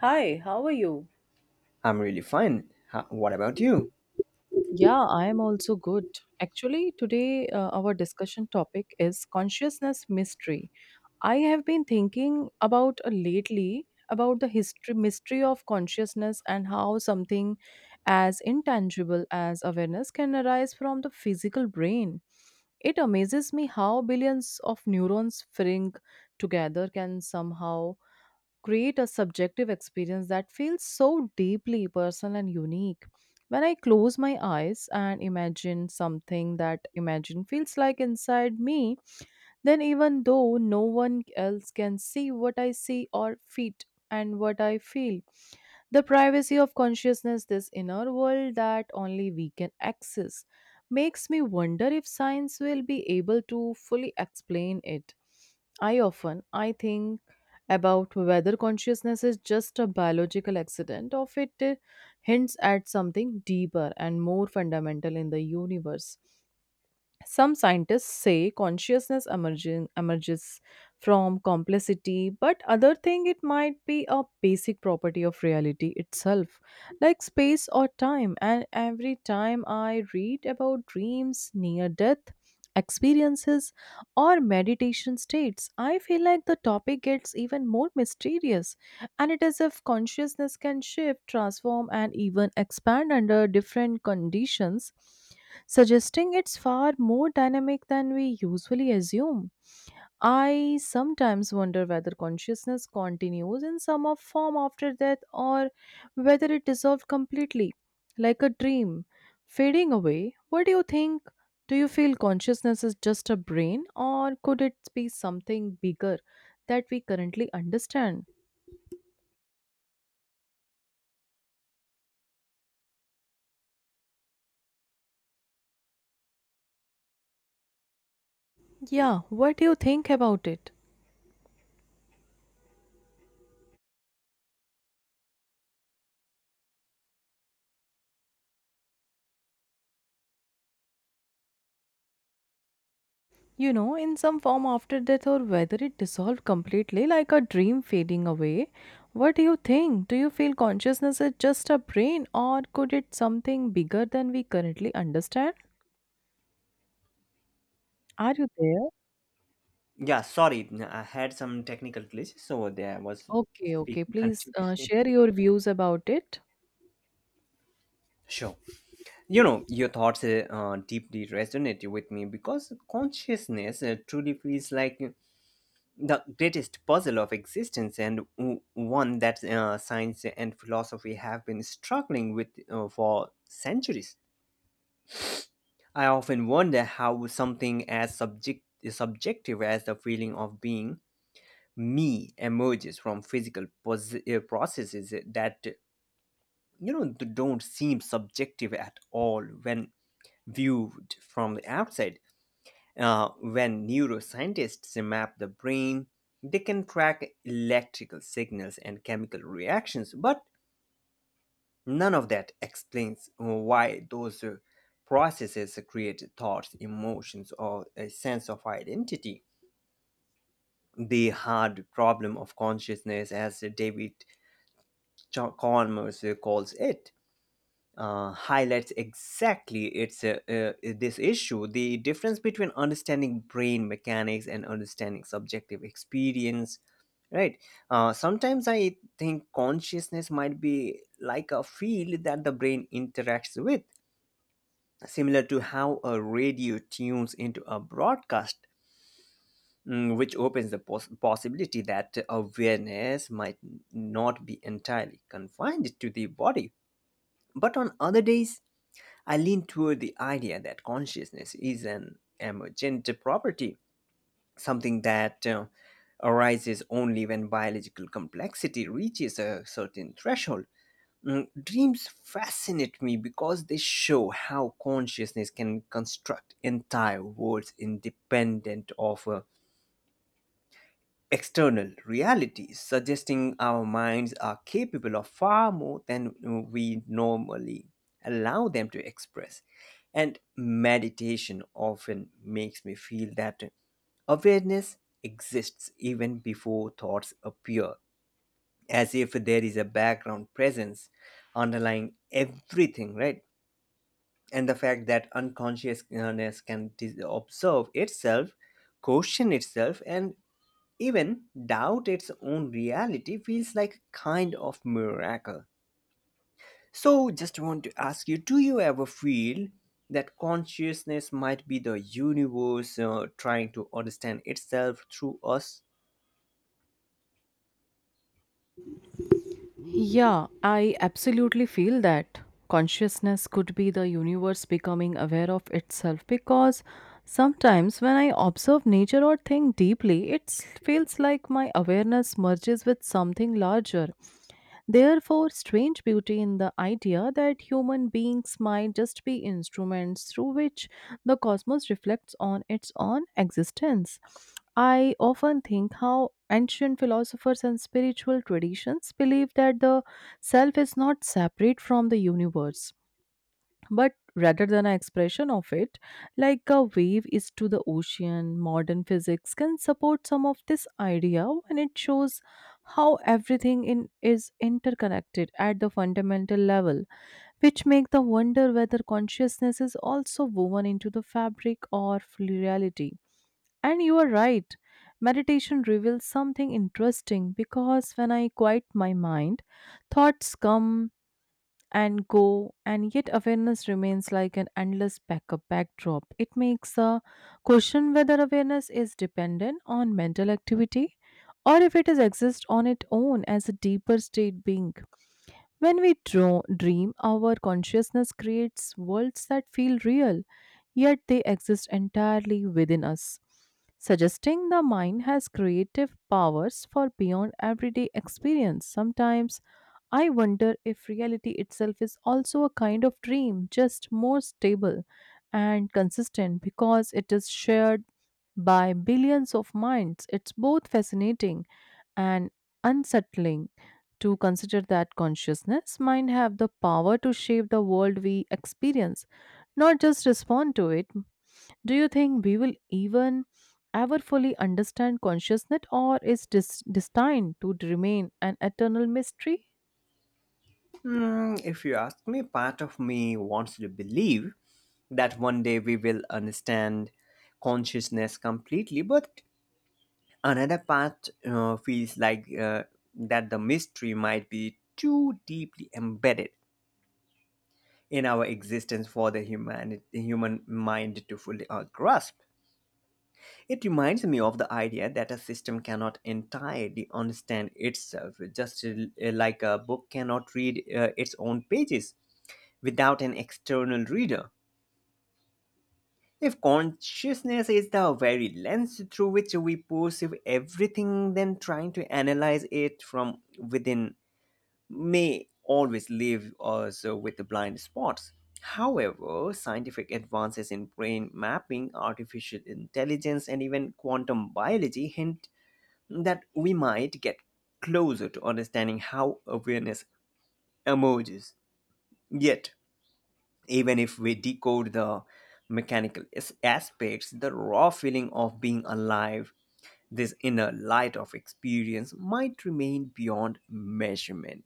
Hi, how are you? I'm really fine. What about you? Yeah, I am also good. Actually, today our discussion topic is consciousness mystery. I have been thinking about lately about the history mystery of consciousness, and how something as intangible as awareness can arise from the physical brain. It amazes me how billions of neurons firing together can somehow create a subjective experience that feels so deeply personal and unique. When I close my eyes and imagine something that imagine feels like inside me, then even though no one else can see what I see or feel and what I feel, the privacy of consciousness, this inner world that only we can access, makes me wonder if science will be able to fully explain it. I often I think about whether consciousness is just a biological accident or if it hints at something deeper and more fundamental in the universe. Some scientists say consciousness emerges from complicity, but other think it might be a basic property of reality itself, like space or time. And every time I read about dreams, near death experiences, or meditation states, I feel like the topic gets even more mysterious. And it is if consciousness can shift, transform, and even expand under different conditions, suggesting it's far more dynamic than we usually assume. I sometimes wonder whether consciousness continues in some of form after death, or whether it dissolves completely, like a dream, fading away. What do you think? Do you feel consciousness is just a brain, or could it be something bigger that we currently understand? Yeah, what do you think about it? In some form after death or whether it dissolved completely like a dream fading away. What do you think? Do you feel consciousness is just a brain, or could it something bigger than we currently understand? Are you there? Yeah, sorry, I had some technical glitches, so there I was Okay, okay. speaking Please continuously. share your views about it. Sure. You know, your thoughts deeply resonate with me because consciousness truly feels like the greatest puzzle of existence and one that science and philosophy have been struggling with for centuries. I often wonder how something as subjective as the feeling of being me emerges from physical processes that don't seem subjective at all when viewed from the outside. When neuroscientists map the brain, they can track electrical signals and chemical reactions, but none of that explains why those processes create thoughts, emotions, or a sense of identity. The hard problem of consciousness, as David Chalmers calls it, highlights exactly its this issue: the difference between understanding brain mechanics and understanding subjective experience. Right. Sometimes I think consciousness might be like a field that the brain interacts with, similar to how a radio tunes into a broadcast, which opens the possibility that awareness might not be entirely confined to the body. But on other days, I lean toward the idea that consciousness is an emergent property, something that arises only when biological complexity reaches a certain threshold. Dreams fascinate me because they show how consciousness can construct entire worlds independent of external realities, suggesting our minds are capable of far more than we normally allow them to express. And meditation often makes me feel that awareness exists even before thoughts appear, as if there is a background presence underlying everything, right? And the fact that unconsciousness can observe itself, question itself, and even doubt its own reality feels like a kind of miracle. So, just want to ask you, do you ever feel that consciousness might be the universe trying to understand itself through us? Yeah, I absolutely feel that consciousness could be the universe becoming aware of itself, because sometimes when I observe nature or think deeply, it feels like my awareness merges with something larger. Therefore, strange beauty in the idea that human beings might just be instruments through which the cosmos reflects on its own existence. I often think how ancient philosophers and spiritual traditions believe that the self is not separate from the universe, but rather than an expression of it, like a wave is to the ocean. Modern physics can support some of this idea when it shows how everything in is interconnected at the fundamental level, which make the wonder whether consciousness is also woven into the fabric of reality. And you are right, meditation reveals something interesting, because when I quiet my mind, thoughts come and go, and yet awareness remains like an endless backup backdrop. It makes a question whether awareness is dependent on mental activity, or if it is exist on its own as a deeper state being. When we dream, our consciousness creates worlds that feel real, yet they exist entirely within us, suggesting the mind has creative powers for beyond everyday experience. Sometimes I wonder if reality itself is also a kind of dream, just more stable and consistent because it is shared by billions of minds. It's both fascinating and unsettling to consider that consciousness mind have the power to shape the world we experience, not just respond to it. Do you think we will even ever fully understand consciousness, or is destined to remain an eternal mystery? Hmm, if you ask me, part of me wants to believe that one day we will understand consciousness completely, but another part feels like that the mystery might be too deeply embedded in our existence for the human mind to fully grasp. It reminds me of the idea that a system cannot entirely understand itself, just like a book cannot read its own pages without an external reader. If consciousness is the very lens through which we perceive everything, then trying to analyze it from within may always leave us with blind spots. However, scientific advances in brain mapping, artificial intelligence, and even quantum biology hint that we might get closer to understanding how awareness emerges. Yet, even if we decode the mechanical aspects, the raw feeling of being alive, this inner light of experience might remain beyond measurement.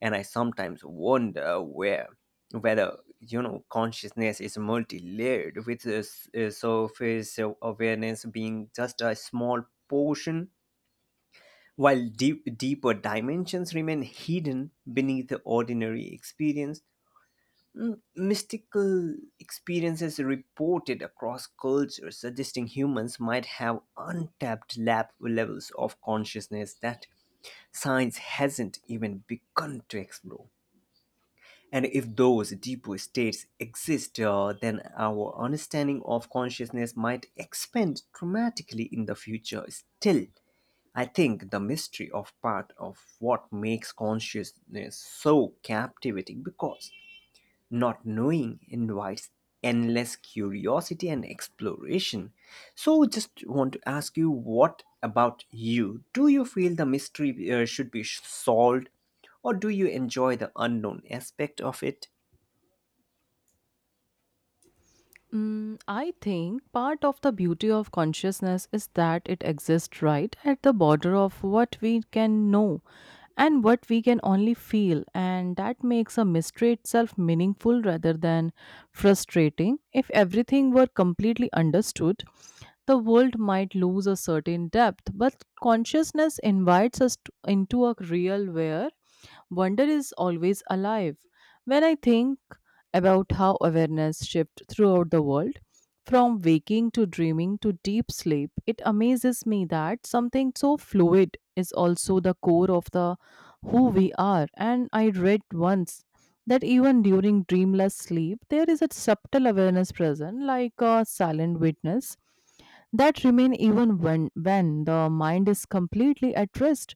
And I sometimes wonder where whether consciousness is multi-layered, with the surface awareness being just a small portion while deeper dimensions remain hidden beneath the ordinary experience. Mystical experiences reported across cultures suggesting humans might have untapped lab levels of consciousness that science hasn't even begun to explore. And if those deeper states exist, then our understanding of consciousness might expand dramatically in the future. Still, I think the mystery of part of what makes consciousness so captivating because not knowing invites endless curiosity and exploration. So, just want to ask you, what about you? Do you feel the mystery should be solved, or do you enjoy the unknown aspect of it? Mm, I think part of the beauty of consciousness is that it exists right at the border of what we can know and what we can only feel, and that makes a mystery itself meaningful rather than frustrating. If everything were completely understood, the world might lose a certain depth, but consciousness invites us to, into a real where wonder is always alive. When I think about how awareness shifts throughout the world, from waking to dreaming to deep sleep, it amazes me that something so fluid is also the core of the who we are. And I read once that even during dreamless sleep, there is a subtle awareness present, like a silent witness that remain even when the mind is completely at rest.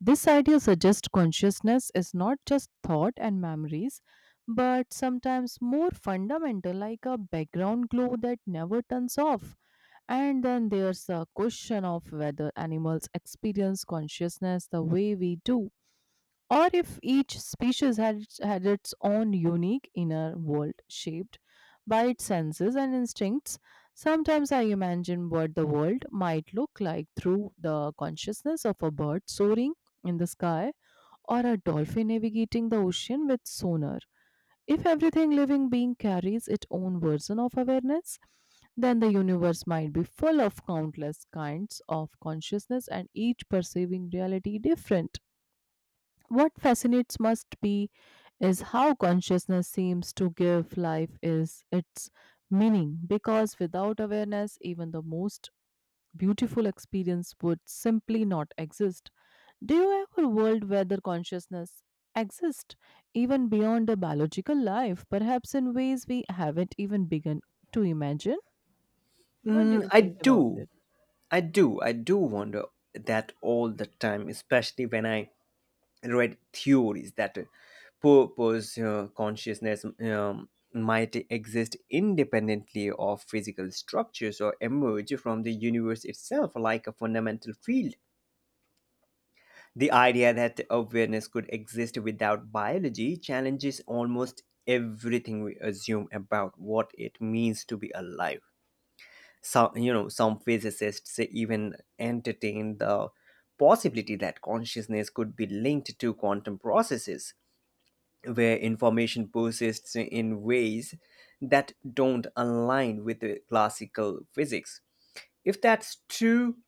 This idea suggests consciousness is not just thought and memories, but sometimes more fundamental, like a background glow that never turns off. And then there's the question of whether animals experience consciousness the way we do, or if each species had its own unique inner world shaped by its senses and instincts. Sometimes I imagine what the world might look like through the consciousness of a bird soaring in the sky, or a dolphin navigating the ocean with sonar. If everything living being carries its own version of awareness, then the universe might be full of countless kinds of consciousness and each perceiving reality different. What fascinates must be is how consciousness seems to give life is its meaning, because without awareness even the most beautiful experience would simply not exist. Do you have a world where the consciousness exists even beyond the biological life, perhaps in ways we haven't even begun to imagine? What do Mm, you I think about do. it? I do wonder that all the time, especially when I read theories that purpose consciousness might exist independently of physical structures or emerge from the universe itself like a fundamental field. The idea that awareness could exist without biology challenges almost everything we assume about what it means to be alive. Some physicists even entertain the possibility that consciousness could be linked to quantum processes where information persists in ways that don't align with the classical physics. If that's true,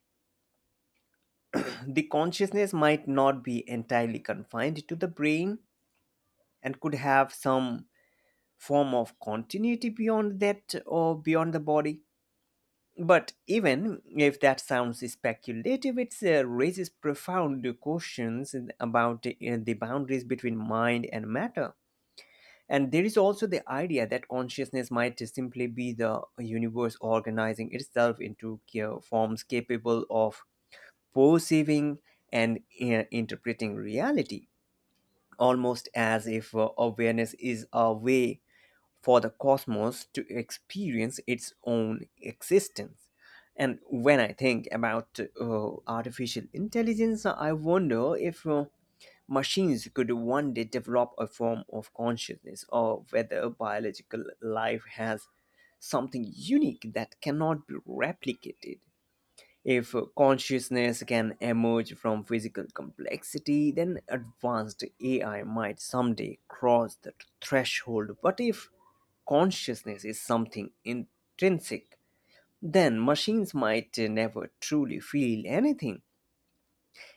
the consciousness might not be entirely confined to the brain and could have some form of continuity beyond that or beyond the body. But even if that sounds speculative, it raises profound questions about the boundaries between mind and matter. And there is also the idea that consciousness might simply be the universe organizing itself into forms capable of perceiving and interpreting reality, almost as if awareness is a way for the cosmos to experience its own existence. And when I think about artificial intelligence, I wonder if machines could one day develop a form of consciousness, or whether biological life has something unique that cannot be replicated. If consciousness can emerge from physical complexity, then advanced AI might someday cross the threshold. But if consciousness is something intrinsic, then machines might never truly feel anything.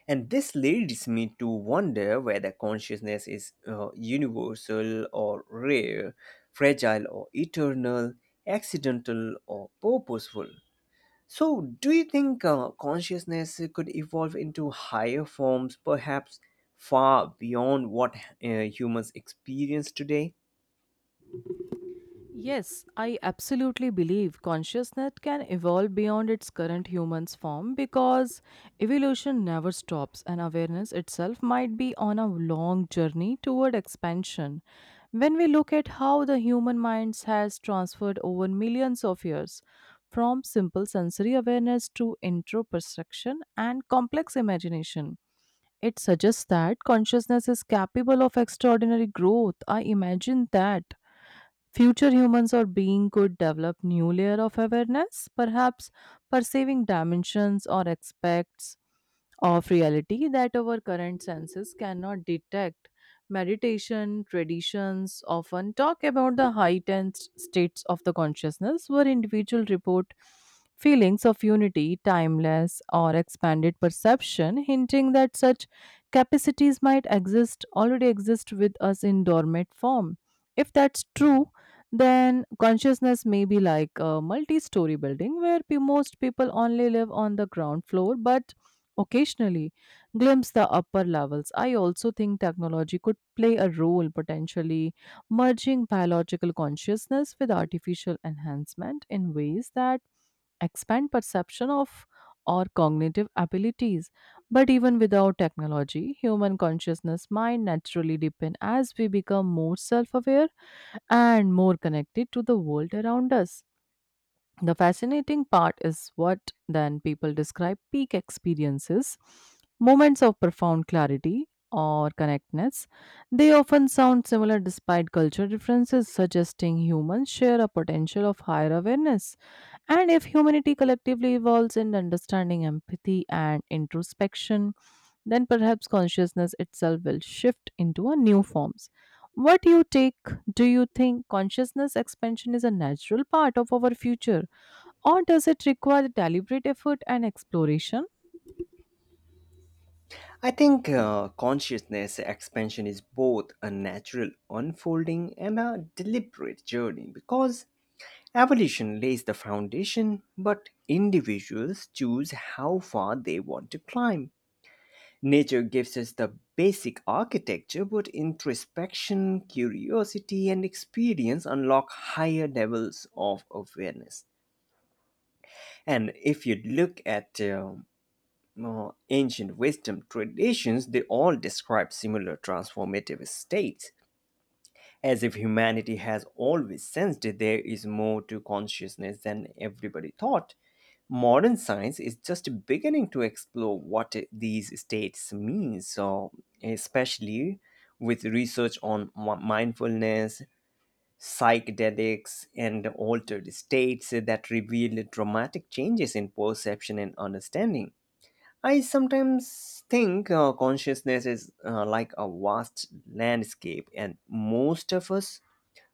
And this leads me to wonder whether consciousness is universal or rare, fragile or eternal, accidental or purposeful. So, do you think consciousness could evolve into higher forms, perhaps far beyond what humans experience today? Yes, I absolutely believe consciousness can evolve beyond its current human's form, because evolution never stops and awareness itself might be on a long journey toward expansion. When we look at how the human mind has transferred over millions of years, from simple sensory awareness to introperception and complex imagination, it suggests that consciousness is capable of extraordinary growth. I imagine that future humans or being could develop new layer of awareness, perhaps perceiving dimensions or aspects of reality that our current senses cannot detect. Meditation traditions often talk about the heightened states of the consciousness where individuals report feelings of unity, timeless, or expanded perception, hinting that such capacities might exist already exist with us in dormant form. If that's true, then consciousness may be like a multi-story building where most people only live on the ground floor, but occasionally glimpse the upper levels. I also think technology could play a role, potentially merging biological consciousness with artificial enhancement in ways that expand perception of or cognitive abilities. But even without technology, human consciousness might naturally deepen as we become more self aware and more connected to the world around us. The fascinating part is what then people describe peak experiences, moments of profound clarity or connectedness. They often sound similar despite cultural differences, suggesting humans share a potential of higher awareness. And if humanity collectively evolves in understanding empathy and introspection, then perhaps consciousness itself will shift into a new forms. What do you take? Do you think consciousness expansion is a natural part of our future? Or does it require deliberate effort and exploration? I think consciousness expansion is both a natural unfolding and a deliberate journey because evolution lays the foundation, but individuals choose how far they want to climb. Nature gives us the basic architecture, but introspection, curiosity, and experience unlock higher levels of awareness. And if you look at ancient wisdom traditions, they all describe similar transformative states, as if humanity has always sensed that there is more to consciousness than everybody thought. Modern science is just beginning to explore what these states mean, so especially with research on mindfulness, psychedelics, and altered states that reveal dramatic changes in perception and understanding. I sometimes think consciousness is like a vast landscape, and most of us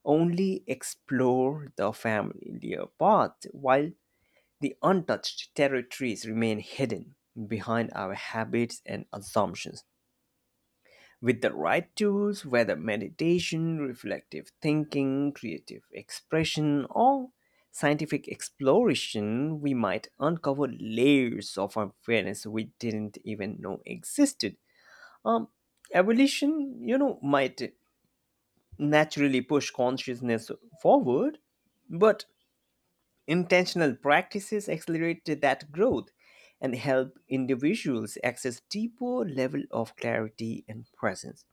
only explore the familiar path while the untouched territories remain hidden behind our habits and assumptions. With the right tools, whether meditation, reflective thinking, creative expression, or scientific exploration, we might uncover layers of awareness we didn't even know existed. Um, Evolution, might naturally push consciousness forward, but intentional practices accelerate that growth and help individuals access deeper level of clarity and presence.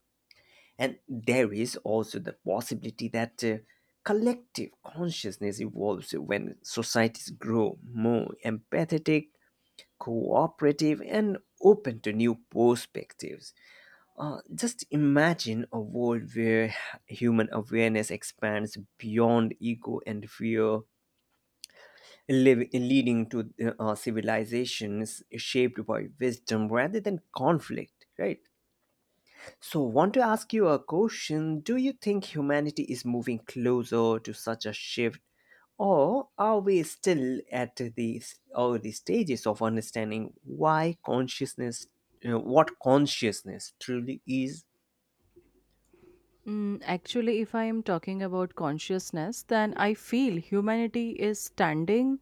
And there is also the possibility that collective consciousness evolves when societies grow more empathetic, cooperative, and open to new perspectives. Just imagine a world where human awareness expands beyond ego and fear, leading to civilizations shaped by wisdom rather than conflict, right? So, want to ask you a question: do you think humanity is moving closer to such a shift, or are we still at the early stages of understanding why consciousness, what consciousness truly is? Mm, actually, if I am talking about consciousness, then I feel humanity is standing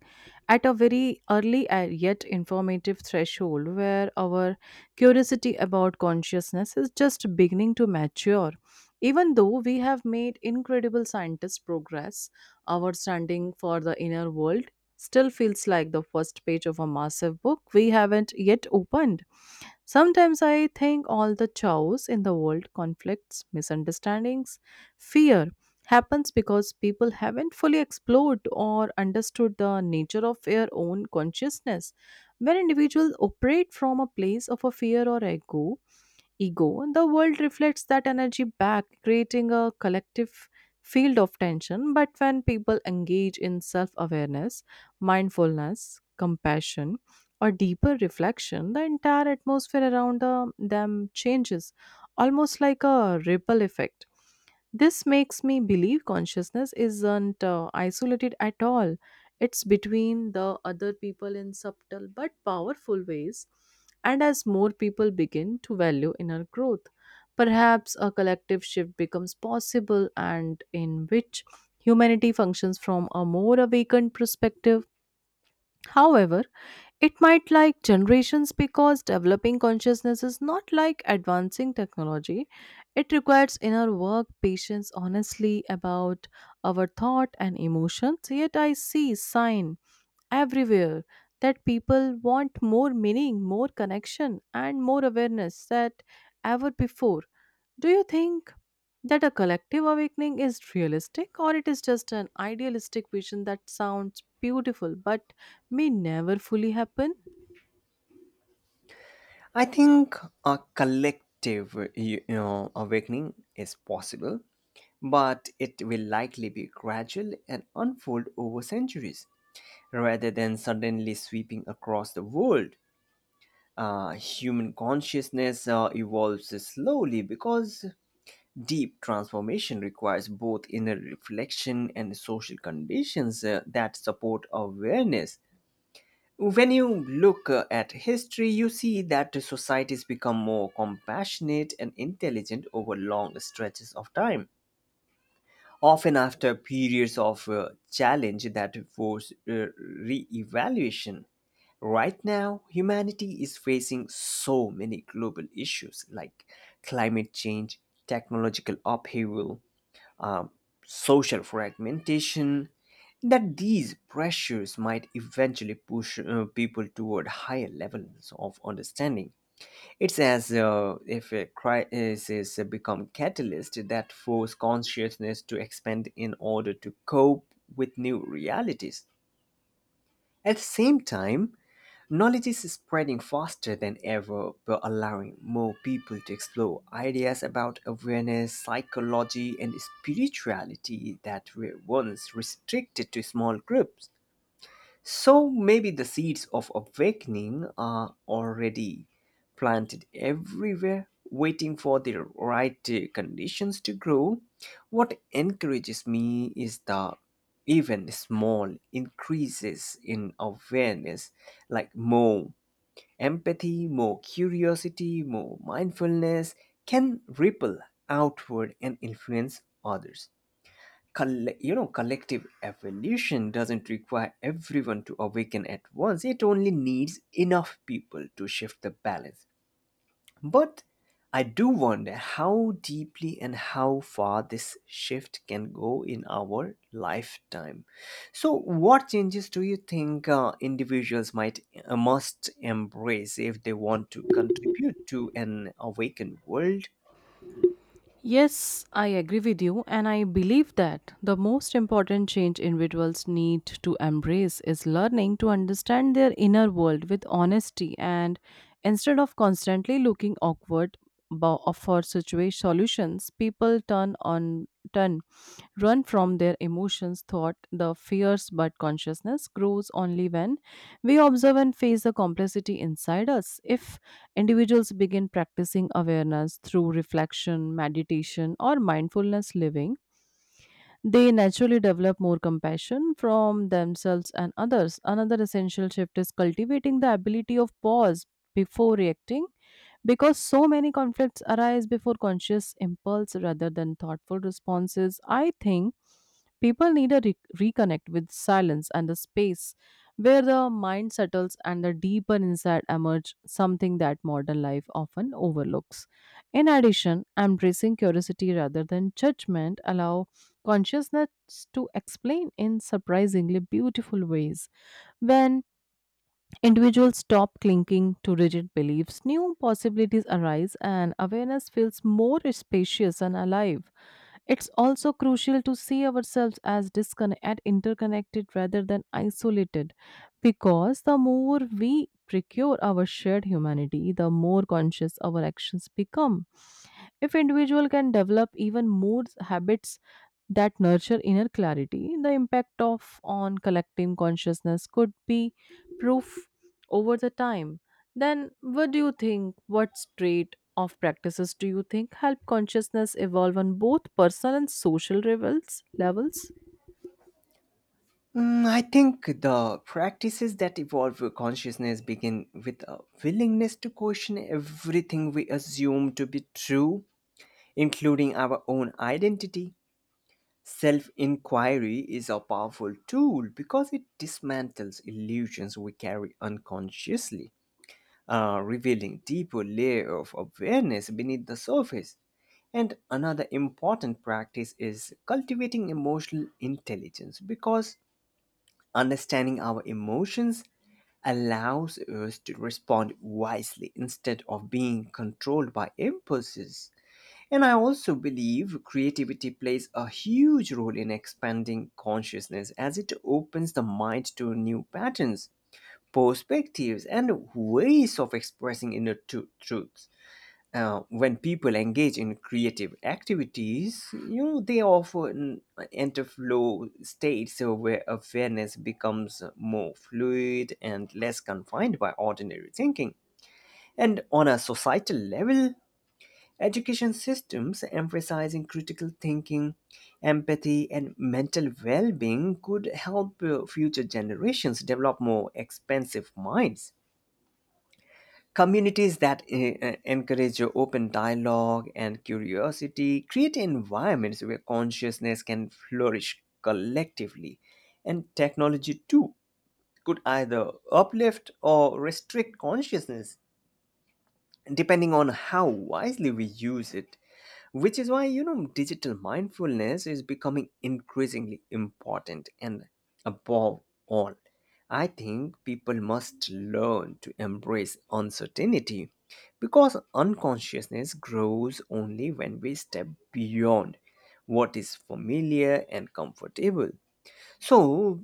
at a very early yet informative threshold where our curiosity about consciousness is just beginning to mature. Even though we have made incredible scientist progress, our standing for the inner world still feels like the first page of a massive book we haven't yet opened. Sometimes I think all the chaos in the world, conflicts, misunderstandings, fear, happens because people haven't fully explored or understood the nature of their own consciousness. When individuals operate from a place of a fear or ego, the world reflects that energy back, creating a collective field of tension. But when people engage in self awareness, mindfulness, compassion, or deeper reflection, the entire atmosphere around them changes, almost like a ripple effect. This makes me believe consciousness isn't isolated at all. It's between the other people in subtle but powerful ways. And as more people begin to value inner growth, perhaps a collective shift becomes possible and in which humanity functions from a more awakened perspective. However, it might like generations because developing consciousness is not like advancing technology. It requires inner work, patience, honestly about our thought and emotions. Yet I see sign everywhere that people want more meaning, more connection, and more awareness than ever before. Do you think that a collective awakening is realistic, or it is just an idealistic vision that sounds beautiful but may never fully happen? I think a collective, awakening is possible, but it will likely be gradual and unfold over centuries rather than suddenly sweeping across the world. Human consciousness evolves slowly because deep transformation requires both inner reflection and social conditions that support awareness. When you look at history, you see that societies become more compassionate and intelligent over long stretches of time, often after periods of challenge that force re-evaluation. Right now, humanity is facing so many global issues like climate change, technological upheaval, um, social fragmentation, that these pressures might eventually push people toward higher levels of understanding. It's as if a crisis has become catalyst that force consciousness to expand in order to cope with new realities. At the same time, knowledge is spreading faster than ever, by allowing more people to explore ideas about awareness, psychology, and spirituality that were once restricted to small groups. So maybe the seeds of awakening are already planted everywhere, waiting for the right conditions to grow. What encourages me is the even small increases in awareness, like more empathy, more curiosity, more mindfulness, can ripple outward and influence others. Collective evolution doesn't require everyone to awaken at once, it only needs enough people to shift the balance. But I do wonder how deeply and how far this shift can go in our lifetime. So what changes do you think individuals might must embrace if they want to contribute to an awakened world? Yes, I agree with you, and I believe that the most important change individuals need to embrace is learning to understand their inner world with honesty and instead of constantly looking awkward for situation solutions, people turn on turn run from their emotions, thought, the fears, but consciousness grows only when we observe and face the complexity inside us. If individuals begin practicing awareness through reflection, meditation, or mindfulness living. They naturally develop more compassion from themselves and others. Another essential shift is cultivating the ability of pause before reacting, because so many conflicts arise before conscious impulse rather than thoughtful responses. I think people need a reconnect with silence and the space where the mind settles and the deeper insight emerge, something that modern life often overlooks. In addition, embracing curiosity rather than judgment allow consciousness to explain in surprisingly beautiful ways. When individuals stop clinging to rigid beliefs, new possibilities arise, and awareness feels more spacious and alive. It's also crucial to see ourselves as disconnected and interconnected rather than isolated, because the more we procure our shared humanity, the more conscious our actions become. If individual can develop even more habits that nurture inner clarity, the impact of on collective consciousness could be proof over the time. Then what do you think, what trait of practices do you think help consciousness evolve on both personal and social levels? Mm, I think the practices that evolve consciousness begin with a willingness to question everything we assume to be true, including our own identity. Self inquiry is a powerful tool because it dismantles illusions we carry unconsciously, revealing deeper layer of awareness beneath the surface. And another important practice is cultivating emotional intelligence because understanding our emotions allows us to respond wisely instead of being controlled by impulses. And I also believe creativity plays a huge role in expanding consciousness as it opens the mind to new patterns, perspectives, and ways of expressing inner truths. When people engage in creative activities, they often enter flow states where awareness becomes more fluid and less confined by ordinary thinking. And on a societal level, education systems emphasizing critical thinking, empathy, and mental well being could help future generations develop more expansive minds. Communities that encourage open dialogue and curiosity create environments where consciousness can flourish collectively. And technology, too, could either uplift or restrict consciousness, depending on how wisely we use it, which is why digital mindfulness is becoming increasingly important. And above all, I think people must learn to embrace uncertainty because unconsciousness grows only when we step beyond what is familiar and comfortable. So,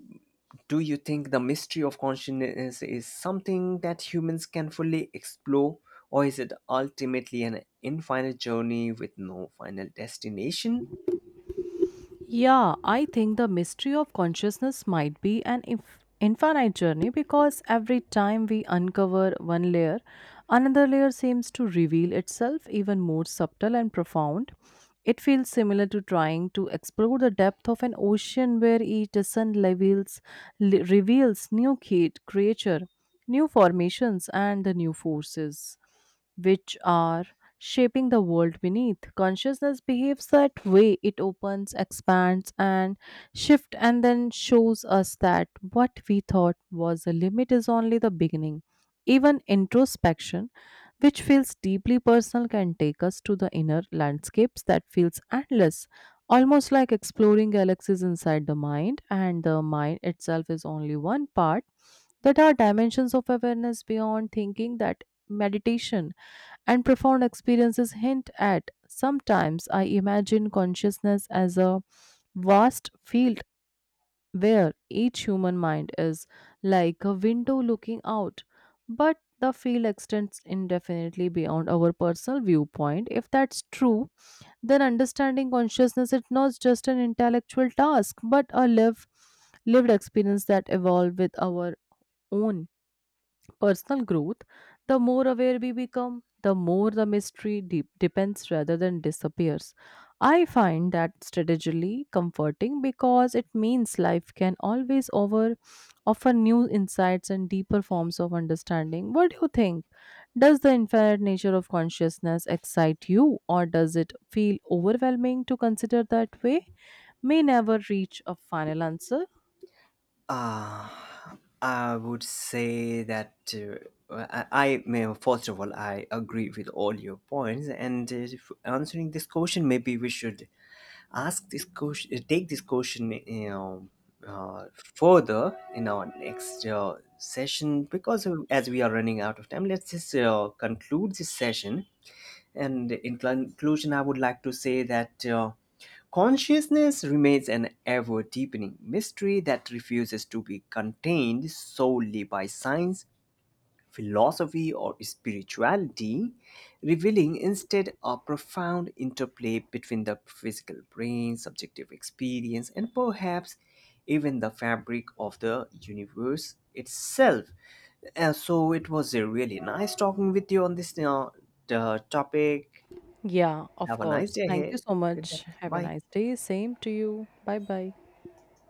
do you think the mystery of consciousness is something that humans can fully explore, or is it ultimately an infinite journey with no final destination? Yeah, I think the mystery of consciousness might be an infinite journey, because every time we uncover one layer, another layer seems to reveal itself even more subtle and profound. It feels similar to trying to explore the depth of an ocean where each descent levels, reveals new creature, new formations, and the new forces which are shaping the world beneath. Consciousness behaves that way. It opens, expands, and shifts, and then shows us that what we thought was the limit is only the beginning. Even introspection, which feels deeply personal, can take us to the inner landscapes that feels endless, almost like exploring galaxies inside the mind, and the mind itself is only one part. That are dimensions of awareness beyond thinking that meditation, and profound experiences hint at. Sometimes I imagine consciousness as a vast field where each human mind is like a window looking out, but the field extends indefinitely beyond our personal viewpoint. If that's true, then understanding consciousness is not just an intellectual task, but a live, lived experience that evolves with our own personal growth. The more aware we become, the more the mystery deep depends rather than disappears. I find that strategically comforting because it means life can always over offer new insights and deeper forms of understanding. What do you think? Does the infinite nature of consciousness excite you, or does it feel overwhelming to consider that way? May never reach a final answer. Uh, I would say that I may, first of all, I agree with all your points. And if answering this question, maybe we should ask this question, take this question, uh, further in our next session, because as we are running out of time, let's just conclude this session. And in conclusion, I would like to say that consciousness remains an ever deepening mystery that refuses to be contained solely by science, philosophy, or spirituality, revealing instead a profound interplay between the physical brain, subjective experience, and perhaps even the fabric of the universe itself. And so it was really nice talking with you on this the topic. Yeah, of Have a nice course. day Thank you ahead. so Good day. much. Have a Bye. nice day. Same to you. Bye bye.